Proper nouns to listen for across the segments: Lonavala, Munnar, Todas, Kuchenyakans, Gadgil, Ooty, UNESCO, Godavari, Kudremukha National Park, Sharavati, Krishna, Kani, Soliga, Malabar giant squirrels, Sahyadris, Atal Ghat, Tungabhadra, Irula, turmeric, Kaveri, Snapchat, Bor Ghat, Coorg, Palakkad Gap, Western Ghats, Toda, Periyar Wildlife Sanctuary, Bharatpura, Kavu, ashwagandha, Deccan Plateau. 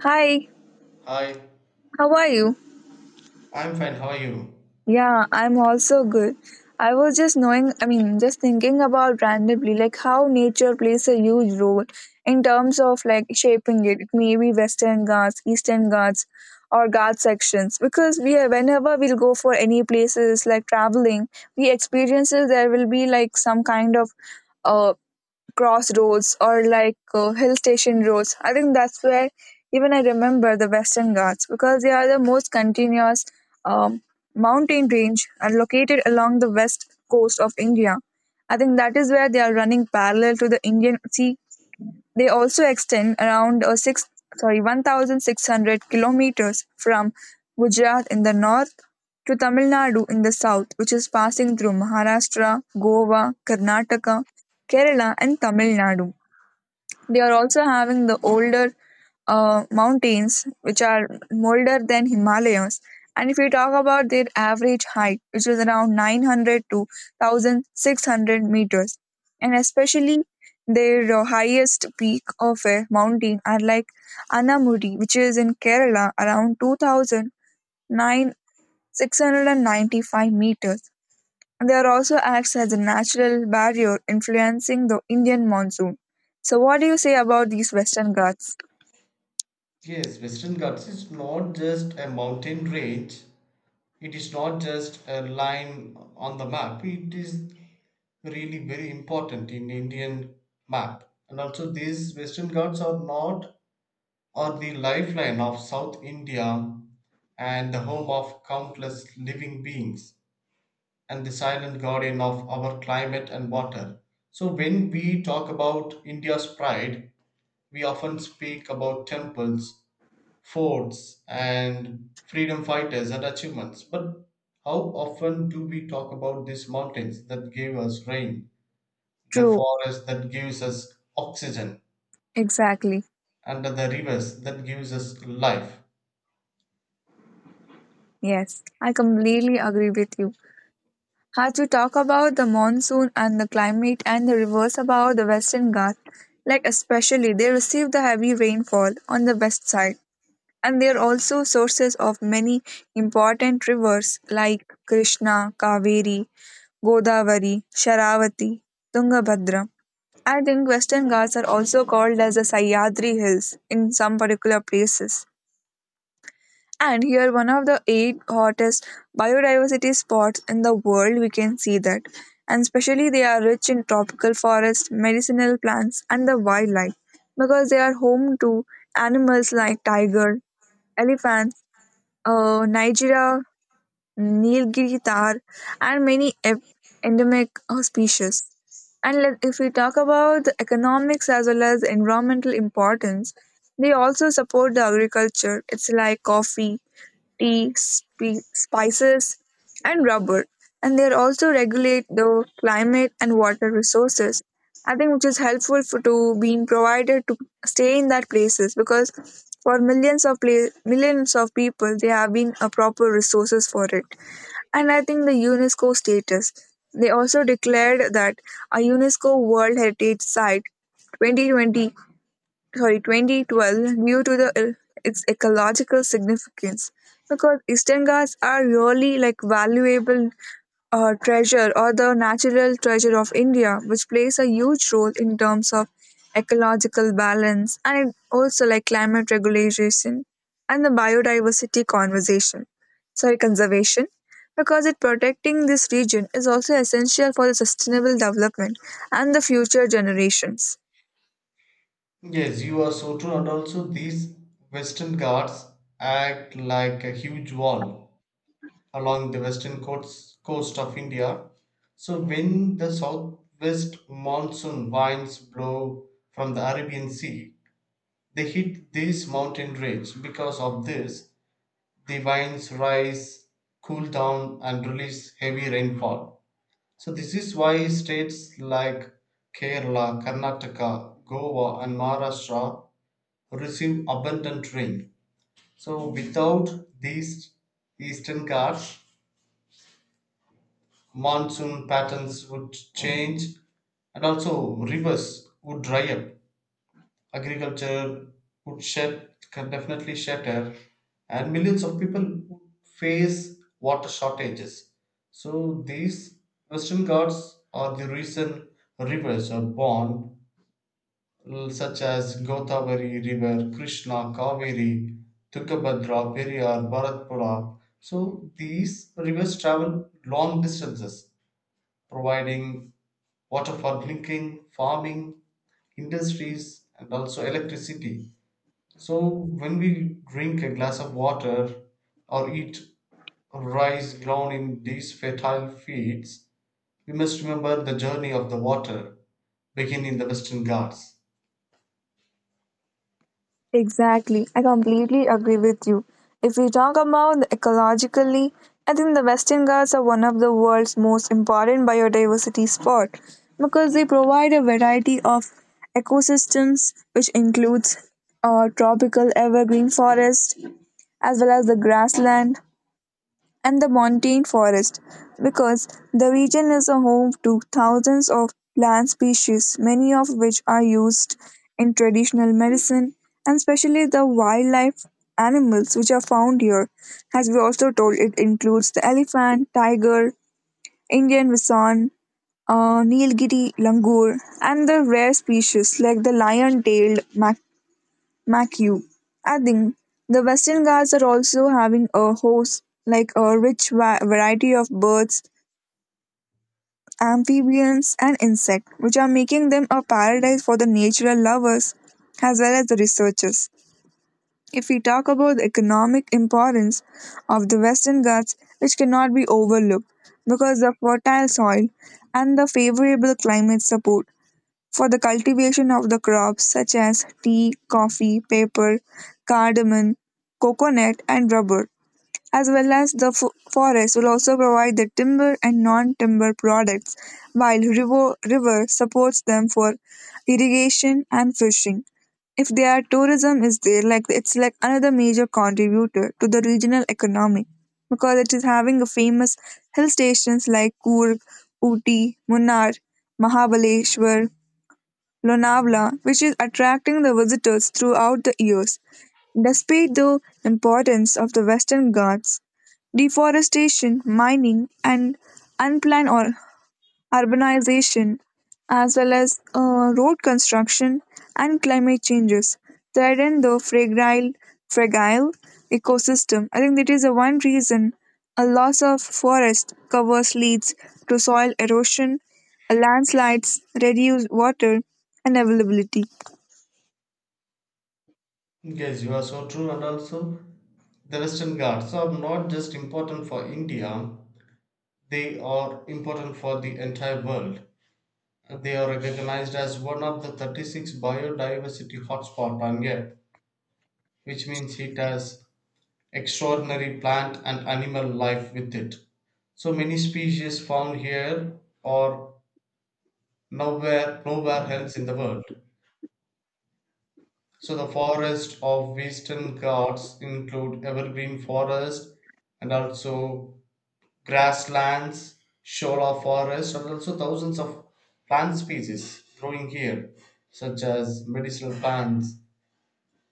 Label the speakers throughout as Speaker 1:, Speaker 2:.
Speaker 1: Hi,
Speaker 2: Hi,
Speaker 1: how are you?
Speaker 2: I'm fine. How are you?
Speaker 1: Yeah, I'm also good. I was just knowing, I mean, just thinking about randomly, like how nature plays a huge role in terms of like shaping it. It may be Western Ghats, Eastern Ghats, or Ghat sections. Because whenever we'll go for any places like traveling, we experiences there will be like some kind of uh, crossroads or like hill station roads. I think that's where even I remember the Western Ghats because they are the most continuous um, mountain range and located along the west coast of India. I think that is where they are running parallel to the Indian Sea. They also extend around a six sorry 1,600 kilometers from Gujarat in the north to Tamil Nadu in the south, which is passing through Maharashtra, Goa, Karnataka, Kerala, and Tamil Nadu. They are also having the older mountains, which are older than Himalayas. And if we talk about their average height, which is around 900 to 1,600 meters, and especially their highest peak of a mountain are like Anamudi, which is in Kerala, around 2,995 meters. There also acts as a natural barrier influencing the Indian monsoon. So, what do you say about these Western Ghats?
Speaker 2: Yes, Western Ghats is not just a mountain range. It is not just a line on the map. It is really very important in Indian map. And also these Western Ghats are not are the lifeline of South India and the home of countless living beings and the silent guardian of our climate and water. So when we talk about India's pride, we often speak about temples, forts, and freedom fighters and achievements, but how often do we talk about these mountains that gave us rain, the
Speaker 1: True,
Speaker 2: forest that gives us oxygen,
Speaker 1: exactly.
Speaker 2: and the rivers that gives us life?
Speaker 1: Yes, I completely agree with you. As we talk about the monsoon and the climate and the reverse about the Western Ghats, like especially they receive the heavy rainfall on the west side. And they are also sources of many important rivers like Krishna, Kaveri, Godavari, Sharavati, Tungabhadra. And in Western Ghats are also called as the Sahyadri Hills in some particular places. And here, one of the 8 hottest biodiversity spots in the world, we can see that. And especially, they are rich in tropical forests, medicinal plants, and the wildlife because they are home to animals like tiger, elephants, Nigeria Nilgiri tar, and many endemic species. If we talk about the economics as well as environmental importance, they also support the agriculture. It's like coffee, tea, spices, and rubber. And they also regulate the climate and water resources. I think which is helpful for, to being provided to stay in that places because for millions of people they have been a proper resources for it, and I think the UNESCO status. They also declared that a UNESCO World Heritage Site 2020 sorry 2012 due to the its ecological significance because eastern ghats are really like valuable treasure or the natural treasure of India, which plays a huge role in terms of ecological balance and it also like climate regulation and the biodiversity conservation. Because it protecting this region is also essential for the sustainable development and the future generations.
Speaker 2: Yes, you are so true, and also these Western gods act like a huge wall along the western coast of India. So when the southwest monsoon winds blow from the Arabian Sea, they hit this mountain range. Because of this, the winds rise, cool down, and release heavy rainfall. So this is why states like Kerala, Karnataka, Goa, and Maharashtra receive abundant rain. So without these eastern Ghats, monsoon patterns would change and also rivers would dry up, agriculture would shut can definitely shatter, and millions of people would face water shortages. So these western ghats are the reason rivers are born, such as Godavari river, Krishna, Kaveri, Tungabhadra, Periyar, Bharatpura. So these rivers travel long distances providing water for drinking, farming, industries, and also electricity. So when we drink a glass of water or eat rice grown in these fertile fields, we must remember the journey of the water begin in the Western Ghats.
Speaker 1: Exactly, I completely agree with you. If we talk about the ecologically, I think the Western Ghats are one of the world's most important biodiversity spot because they provide a variety of ecosystems, which includes tropical evergreen forest as well as the grassland, and the montane forest because the region is a home to thousands of plant species, many of which are used in traditional medicine, and especially the wildlife animals which are found here. As we also told, it includes the elephant, tiger, Indian bison, Nilgiri langur, and the rare species like the lion tailed McHugh. I think the Western Ghats are also having a host like a rich variety of birds, amphibians, and insects, which are making them a paradise for the natural lovers as well as the researchers. If we talk about the economic importance of the Western Ghats, which cannot be overlooked because the fertile soil and the favorable climate support for the cultivation of the crops such as tea, coffee, paper, cardamom, coconut, and rubber. As well as the forest will also provide the timber and non timber products, while river supports them for irrigation and fishing. If their tourism is there, like it's like another major contributor to the regional economy because it is having a famous hill stations like Coorg, Ooty, Munnar, Mahabaleshwar, Lonavala, which is attracting the visitors throughout the years. Despite the importance of the Western Ghats, deforestation, mining, and unplanned or urbanization, as well as road construction and climate changes, threaten the fragile ecosystem. I think that is the one reason a loss of forest covers leads to soil erosion, landslides, reduced water and availability.
Speaker 2: Yes, you are so true, and also the Western Ghats are not just important for India, they are important for the entire world. They are recognized as one of the 36 biodiversity hotspots on Earth, which means it has extraordinary plant and animal life with it. So many species found here are nowhere else in the world. So the forests of Western Ghats include evergreen forest and also grasslands, shola forest, and also thousands of plant species growing here, such as medicinal plants,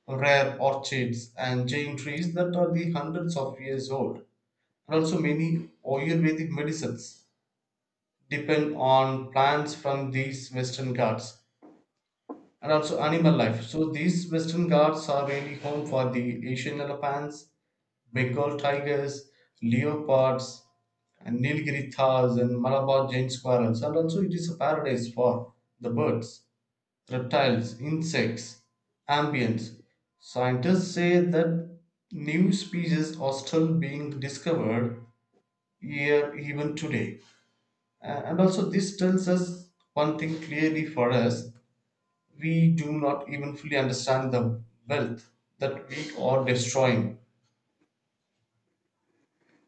Speaker 2: rare orchids and giant trees that are the hundreds of years old. And also many Ayurvedic medicines depend on plants from these Western Ghats, and also animal life. So these Western Ghats are really home for the Asian elephants, Bengal tigers, leopards, and Nilgiri thars and Malabar giant squirrels. And also it is a paradise for the birds, reptiles, insects, amphibians. Scientists say that new species are still being discovered here even today. And also, this tells us one thing clearly: for us, we do not even fully understand the wealth that we are destroying.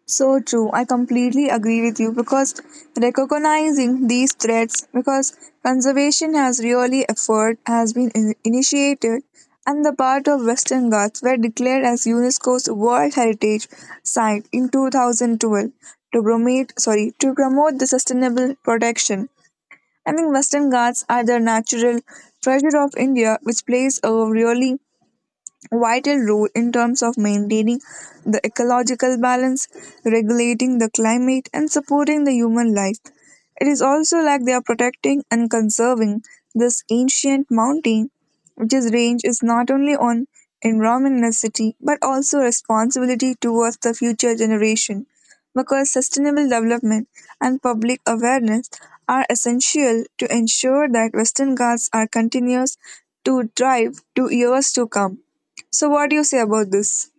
Speaker 1: So true. I completely agree with you because recognizing these threats, because conservation has really effort has been in- initiated, and the part of Western Ghats were declared as UNESCO's World Heritage Site in 2012 to promote the sustainable protection. I mean, Western Ghats are the natural treasure of India, which plays a really vital role in terms of maintaining the ecological balance, regulating the climate, and supporting the human life. It is also like they are protecting and conserving this ancient mountain, which is range is not only on environment necessity but also responsibility towards the future generation. Because sustainable development and public awareness are essential to ensure that Western Ghats are continuous to thrive to years to come. So, what do you say about this?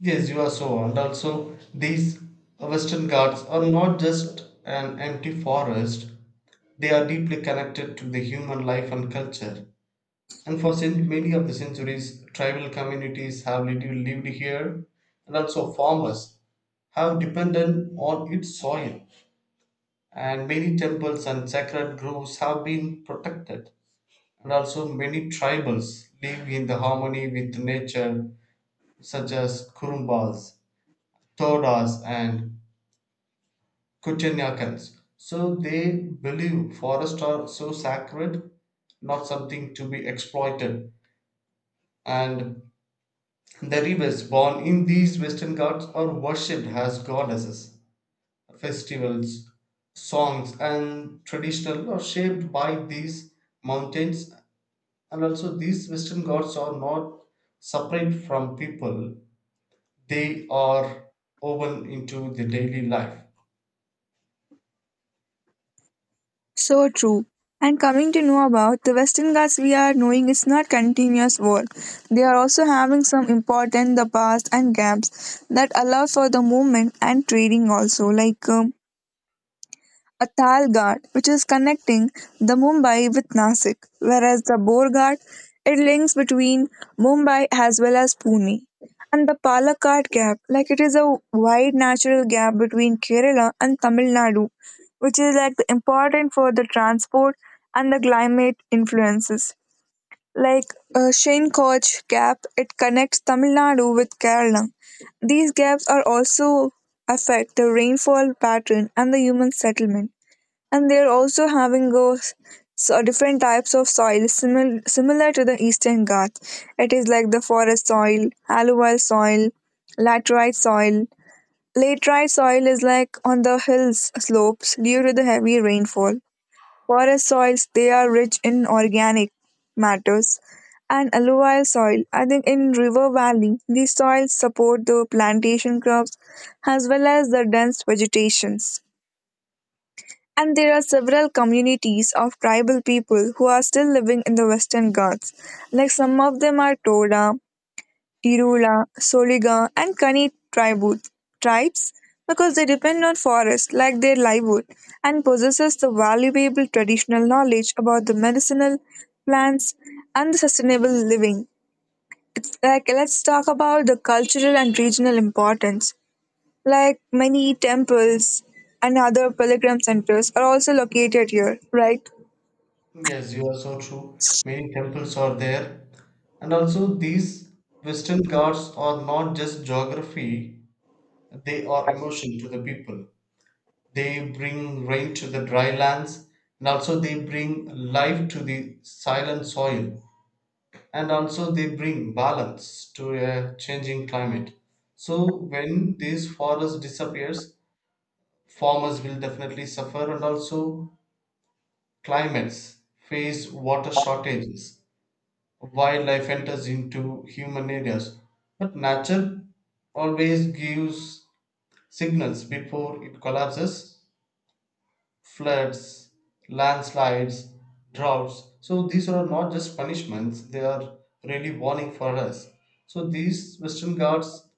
Speaker 2: Yes, you are so. And also, these Western Ghats are not just an empty forest, they are deeply connected to the human life and culture. And for many of the centuries, tribal communities have lived here, and also farmers have depended on its soil. And many temples and sacred groves have been protected. And also, many tribals live in the harmony with nature, such as Kurumbas, Todas, and Kuchenyakans. So they believe forests are so sacred, not something to be exploited. And the rivers born in these western gods are worshipped as goddesses. Festivals, songs, and traditional are shaped by these mountains, and also these western gods are not separate from people, they are woven into the daily life.
Speaker 1: So true. And coming to know about the Western Ghats, we are knowing it's not continuous war. They are also having some important the past and gaps that allow for the movement and trading also. Like Atal Ghat, which is connecting the Mumbai with Nasik, whereas the Bor Ghat, it links between Mumbai as well as Pune. And the Palakkad Gap, like it is a wide natural gap between Kerala and Tamil Nadu, which is like important for the transport and the climate influences. Like uh, Koch Gap, it connects Tamil Nadu with Kerala. These gaps are also affect the rainfall pattern and the human settlement and they are also having those so different types of soil similar to the eastern Ghats. It is like the forest soil, alluvial soil, laterite soil. Laterite soil is like on the hills slopes due to the heavy rainfall. Forest soils they are rich in organic matters and alluvial soil. I think in river valley these soils support the plantation crops as well as the dense vegetations. And there are several communities of tribal people who are still living in the Western Ghats. Like some of them are Toda, Irula, Soliga, and Kani tribes because they depend on forest like their livelihood and possesses the valuable traditional knowledge about the medicinal plants and the sustainable living. It's like let's talk about the cultural and regional importance. Like many temples and other pilgrim centers are also located here, right?
Speaker 2: Yes, you are so true. Many temples are there, and also these western gods are not just geography, they are emotion to the people. They bring rain to the dry lands, and also they bring life to the silent soil, and also they bring balance to a changing climate. So when this forest disappears, farmers will definitely suffer and also climates face water shortages. Wildlife enters into human areas. But nature always gives signals before it collapses: floods, landslides, droughts. So these are not just punishments, they are really warning for us. So these Western Ghats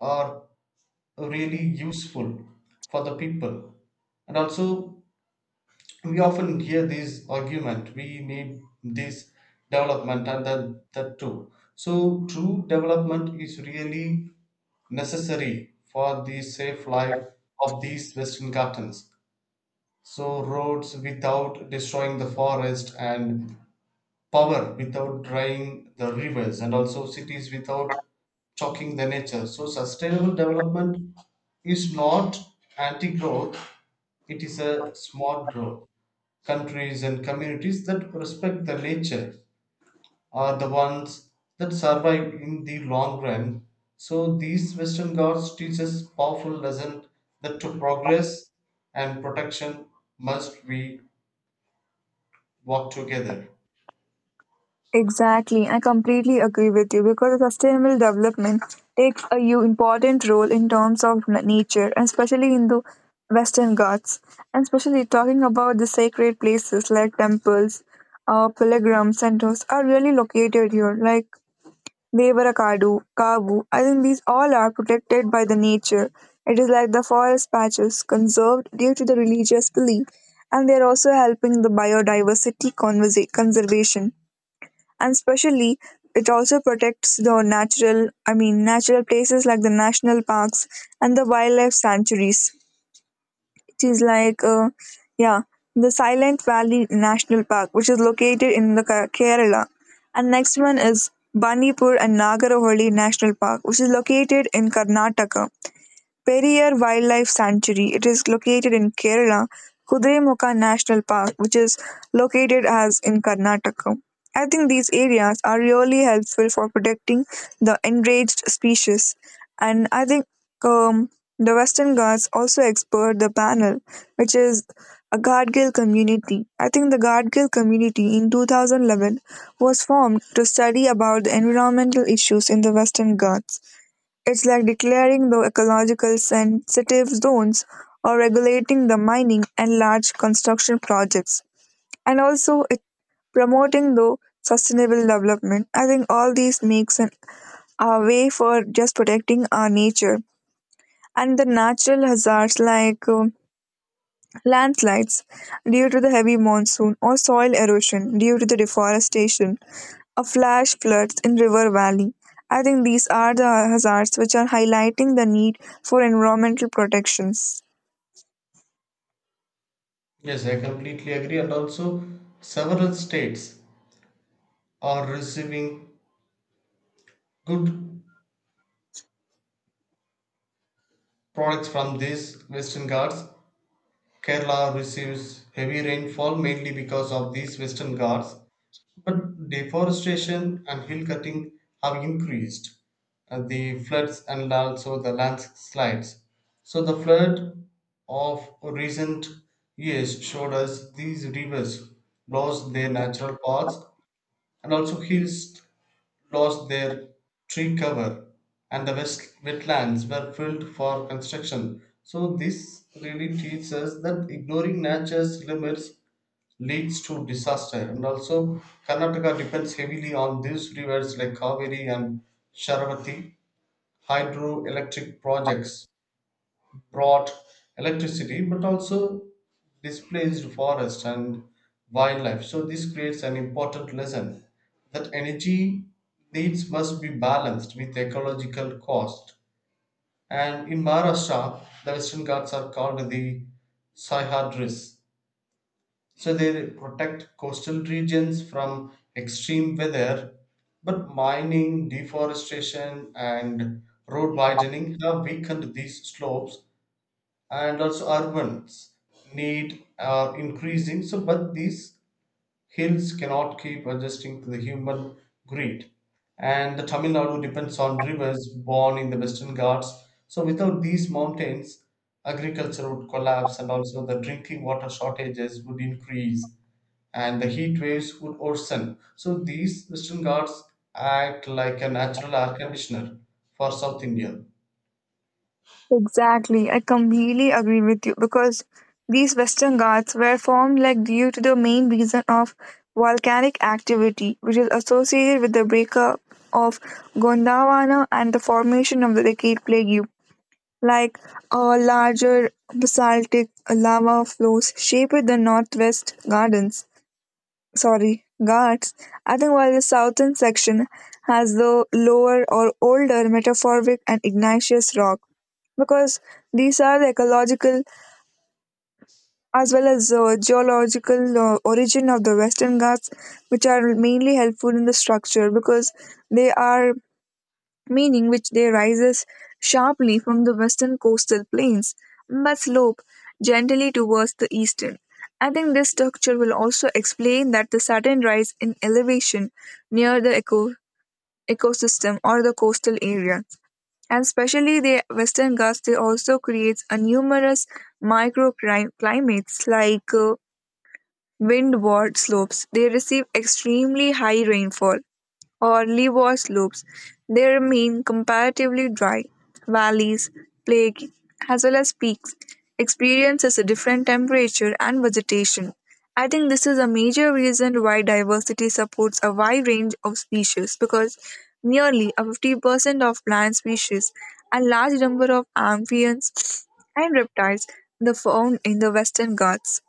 Speaker 2: are really useful for the people. And also, we often hear this argument: we need this development and that, that too. So true development is really necessary for the safe life of these Western Ghats. So roads without destroying the forest, and power without drying the rivers, and also cities without choking the nature. So sustainable development is not anti growth, it is a smart growth. Countries and communities that respect the nature are the ones that survive in the long run. So these Western gods teach us powerful lesson that to progress and protection must be work together.
Speaker 1: Exactly, I completely agree with you because sustainable development takes a important role in terms of nature, and especially in the Western Ghats, and especially talking about the sacred places like temples, pilgrim centers are really located here. Like Devarakadu, Kavu, I think these all are protected by the nature. It is like the forest patches conserved due to the religious belief, and they are also helping the biodiversity conservation. And especially, it also protects the natural places like the national parks and the wildlife sanctuaries which is like, yeah, the Silent Valley National Park, which is located in the Kerala. And next one is Bandipur and Nagaravali National Park, which is located in Karnataka. Periyar Wildlife Sanctuary. It is located in Kerala, Kudremukha National Park, which is located as in Karnataka. I think these areas are really helpful for protecting the enraged species, and I think um, the Western Ghats also expert the panel, which is a Gadgil community. I think the Gadgil community in 2011 was formed to study about the environmental issues in the Western Ghats. It's like declaring the ecological sensitive zones or regulating the mining and large construction projects. And also it promoting the sustainable development. I think all these makes a way for just protecting our nature. And the natural hazards like landslides due to the heavy monsoon or soil erosion due to the deforestation, a flash floods in river valley. I think these are the hazards which are highlighting the need for environmental protections.
Speaker 2: Yes, I completely agree. And also, several states are receiving good products from these western Ghats. Kerala receives heavy rainfall mainly because of these western Ghats. But deforestation and hill cutting have increased the floods and also the landslides. So the flood of recent years showed us these rivers lost their natural paths, and also hills lost their tree cover and the west wetlands were filled for construction. So this really teaches us that ignoring nature's limits leads to disaster. And also Karnataka depends heavily on these rivers like Kaveri and Sharavati. Hydroelectric projects brought electricity but also displaced forest and wildlife, so this creates an important lesson that energy needs must be balanced with ecological cost. And in Maharashtra, the Western Ghats are called the Sahyadris. So they protect coastal regions from extreme weather, but mining, deforestation, and road widening have weakened these slopes, and also urbans need are increasing, so but these hills cannot keep adjusting to the human greed. And the Tamil Nadu depends on rivers born in the Western Ghats, so without these mountains agriculture would collapse and also the drinking water shortages would increase and the heat waves would worsen. So these Western Ghats act like a natural air conditioner for South India.
Speaker 1: Exactly, I completely agree with you because these Western Ghats were formed like due to the main reason of volcanic activity, which is associated with the breakup of Gondwana and the formation of the Decade Plague. Like a larger basaltic lava flows shaped the northwest gardens sorry guards. I think while the southern section has the lower or older metamorphic and igneous rock because these are the ecological as well as geological origin of the western ghats which are mainly helpful in the structure because they are meaning which they rises sharply from the western coastal plains but slope gently towards the eastern. I think this structure will also explain that the sudden rise in elevation near the ecosystem or the coastal area. And especially the Western Ghats, they also creates a numerous microclimates like windward slopes. They receive extremely high rainfall or leeward slopes. They remain comparatively dry. Valleys, plain, as well as peaks experiences a different temperature and vegetation. I think this is a major reason why diversity supports a wide range of species because nearly a 50% of plant species and large number of amphibians and reptiles are found in the Western Ghats,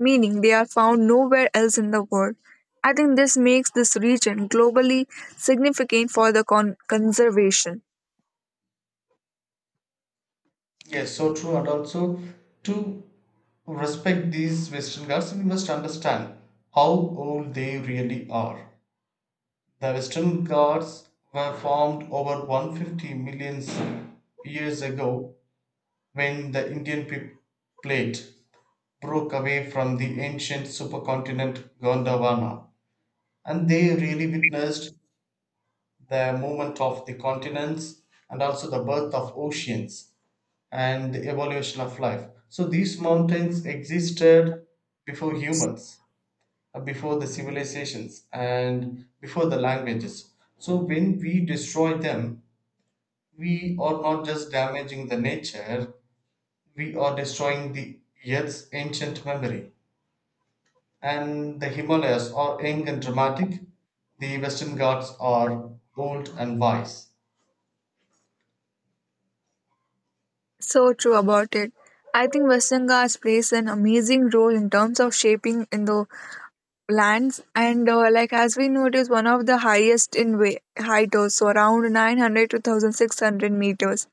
Speaker 1: meaning they are found nowhere else in the world. I think this makes this region globally significant for the conservation.
Speaker 2: Yes, so true, and also to respect these Western gods, we must understand how old they really are. The Western gods were formed over 150 million years ago when the Indian plate broke away from the ancient supercontinent Gondwana, and they really witnessed the movement of the continents and also the birth of oceans and the evolution of life. So these mountains existed before humans, before the civilizations, and before the languages. So when we destroy them, we are not just damaging the nature, we are destroying the Earth's ancient memory. And the Himalayas are young and dramatic, the Western Ghats are old and wise.
Speaker 1: So true about it. I think Western Ghats plays an amazing role in terms of shaping in the lands and like, as we know, it is one of the highest in height also, around 900 to 1600 meters.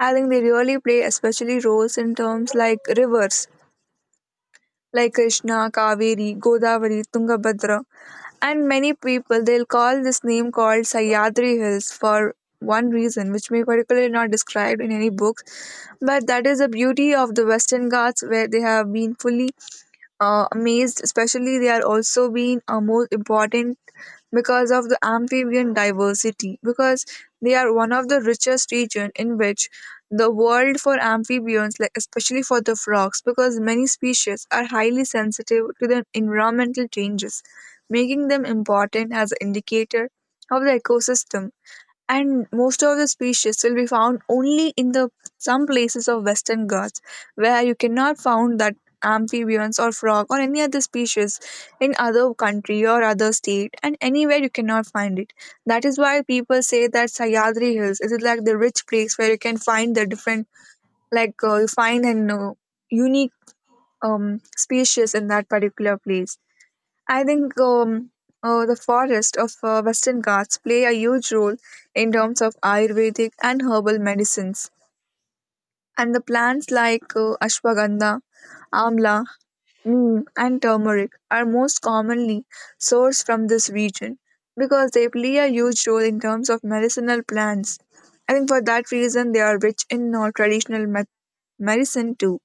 Speaker 1: I think they really play especially roles in terms like rivers like Krishna, Kaveri, Godavari, Tungabhadra, and many people, they'll call this name called Sayadri Hills for one reason which may particularly not described in any books, but that is the beauty of the Western Ghats where they have been fully amazed. Especially, they are also being more important because of the amphibian diversity. Because they are one of the richest region in which the world for amphibians, like especially for the frogs, because many species are highly sensitive to the environmental changes, making them important as an indicator of the ecosystem. And most of the species will be found only in the some places of Western Ghats, where you cannot found that amphibians or frog or any other species in other country or other state, and anywhere you cannot find it. That is why people say that Sayadri Hills is like the rich place where you can find the different, you find, and unique species in that particular place. I think the forest of Western Ghats play a huge role in terms of Ayurvedic and herbal medicines. And the plants like ashwagandha, amla, neem, and turmeric are most commonly sourced from this region because they play a huge role in terms of medicinal plants. I think for that reason they are rich in traditional medicine too.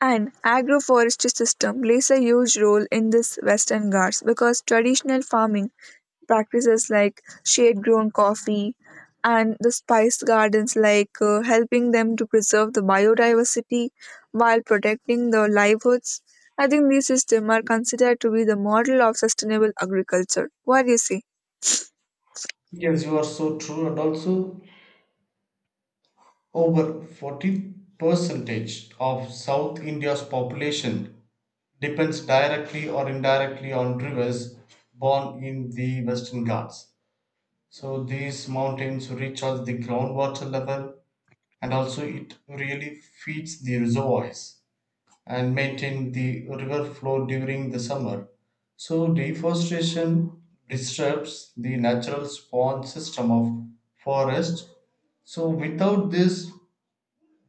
Speaker 1: An agroforestry system plays a huge role in this Western Ghats because traditional farming practices like shade grown coffee and the spice gardens, helping them to preserve the biodiversity while protecting the livelihoods. I think these systems are considered to be the model of sustainable agriculture. What do you say?
Speaker 2: Yes, you are so true, and also over 40 percentage of South India's population depends directly or indirectly on rivers born in the Western Ghats. So these mountains recharge the groundwater level and also it really feeds the reservoirs and maintain the river flow during the summer. So deforestation disturbs the natural spawn system of forest. So without this,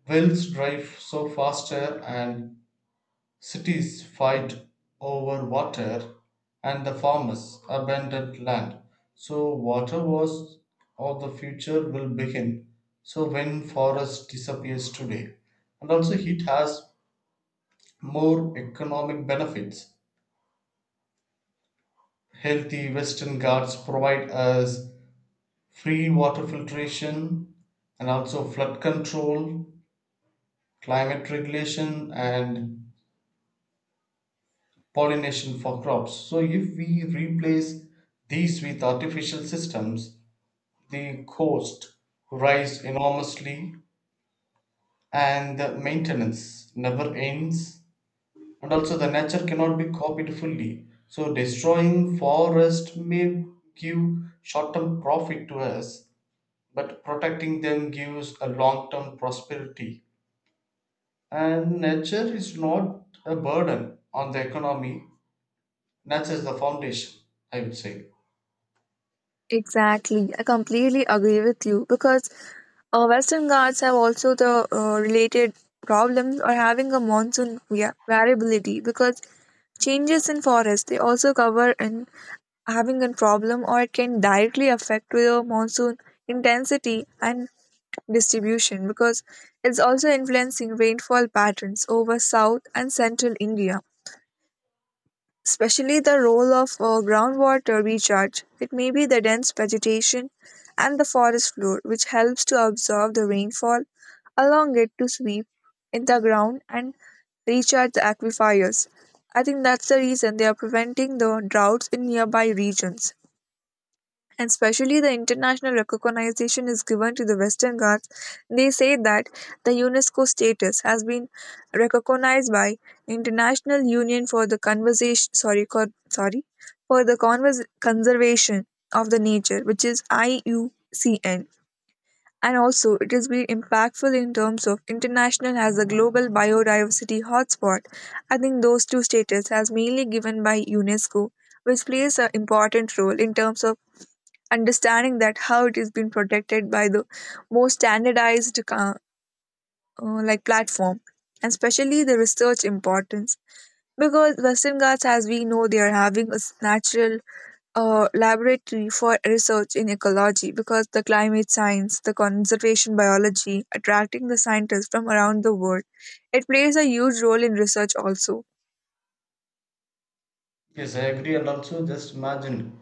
Speaker 2: wells drive so faster and cities fight over water and the farmers abandoned land. So water wars of the future will begin. So when forest disappears today. And also heat has more economic benefits. Healthy Western Ghats provide us free water filtration and also flood control, climate regulation and pollination for crops. So if we replace these with artificial systems, the cost rise enormously and the maintenance never ends. And also, the nature cannot be copied fully. So destroying forest may give short term profit to us, but protecting them gives a long term prosperity. And nature is not a burden on the economy, nature is the foundation, I would say.
Speaker 1: Exactly. I completely agree with you because Western Ghats have also the related problems or having a monsoon via variability, because changes in forest they also cover and having a problem, or it can directly affect the monsoon intensity and distribution, because it's also influencing rainfall patterns over south and central India, especially the role of groundwater recharge. It may be the dense vegetation and the forest floor, which helps to absorb the rainfall, allowing it to sweep in the ground and recharge the aquifers. I think that's the reason they are preventing the droughts in nearby regions. And especially the international recognition is given to the Western Ghats, they say that the UNESCO status has been recognized by International Union for the conversation, sorry, sorry, for the conservation of the nature, which is IUCN. And also, it has been impactful in terms of international as a global biodiversity hotspot. I think those two status has mainly given by UNESCO, which plays an important role in terms of understanding that how it is being protected by the more standardized like platform, and especially the research importance, because Western Ghats, as we know, they are having a natural laboratory for research in ecology, because the climate science, the conservation biology, attracting the scientists from around the world. It plays a huge role in research also.
Speaker 2: Yes, I agree. And also, just imagine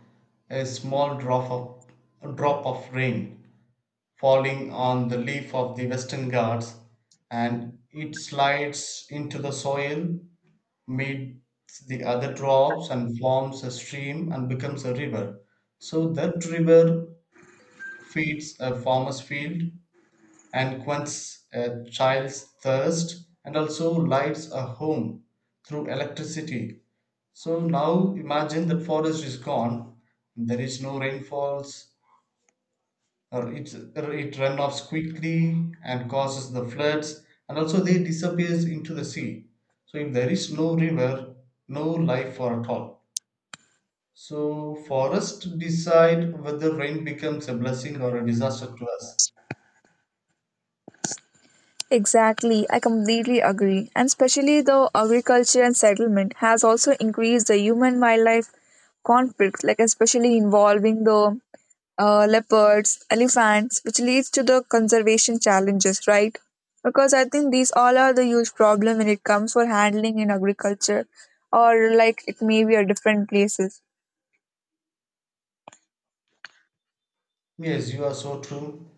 Speaker 2: a small drop of a drop of rain falling on the leaf of the Western Ghats, and it slides into the soil, meets the other drops, and forms a stream and becomes a river. So that river feeds a farmer's field, and quenches a child's thirst and also lights a home through electricity. So now imagine that forest is gone, there is no rainfalls, or it runoffs quickly and causes the floods, and also they disappears into the sea. So if there is no river, no life for at all. So forest decide whether rain becomes a blessing or a disaster to us.
Speaker 1: Exactly, I completely agree. And especially the agriculture and settlement has also increased the human wildlife conflict, like especially involving the leopards, elephants, which leads to the conservation challenges, right? Because I think these all are the huge problem when it comes for handling in agriculture, or like it may be a different places.
Speaker 2: Yes, you are so true.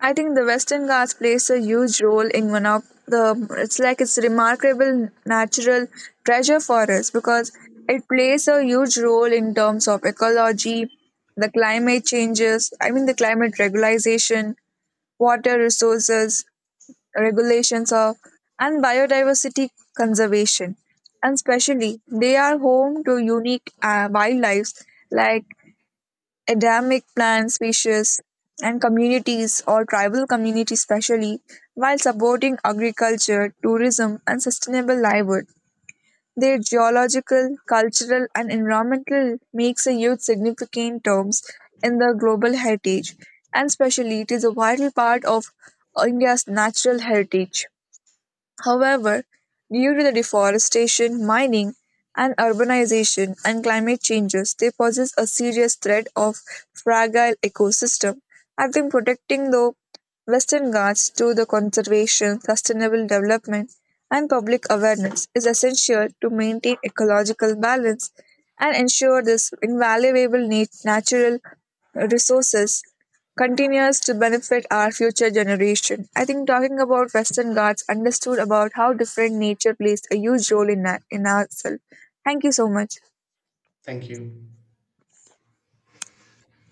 Speaker 1: I think the Western Ghats plays a huge role in one of the. It's like it's remarkable natural treasure for us, because it plays a huge role in terms of ecology, the climate changes. I mean the climate regularization, water resources regulations of, and biodiversity conservation. And especially, they are home to unique wildlife like endemic plant species, and communities or tribal communities especially, while supporting agriculture, tourism, and sustainable livelihood. Their geological, cultural, and environmental makes a huge significant terms in the global heritage, and especially it is a vital part of India's natural heritage. However, due to the deforestation, mining, and urbanization and climate changes, they possess a serious threat of fragile ecosystem. I think protecting the Western Ghats through the conservation, sustainable development, and public awareness is essential to maintain ecological balance and ensure this invaluable natural resources continues to benefit our future generation. I think talking about Western Ghats understood about how different nature plays a huge role in, in ourselves. Thank you so much.
Speaker 2: Thank you.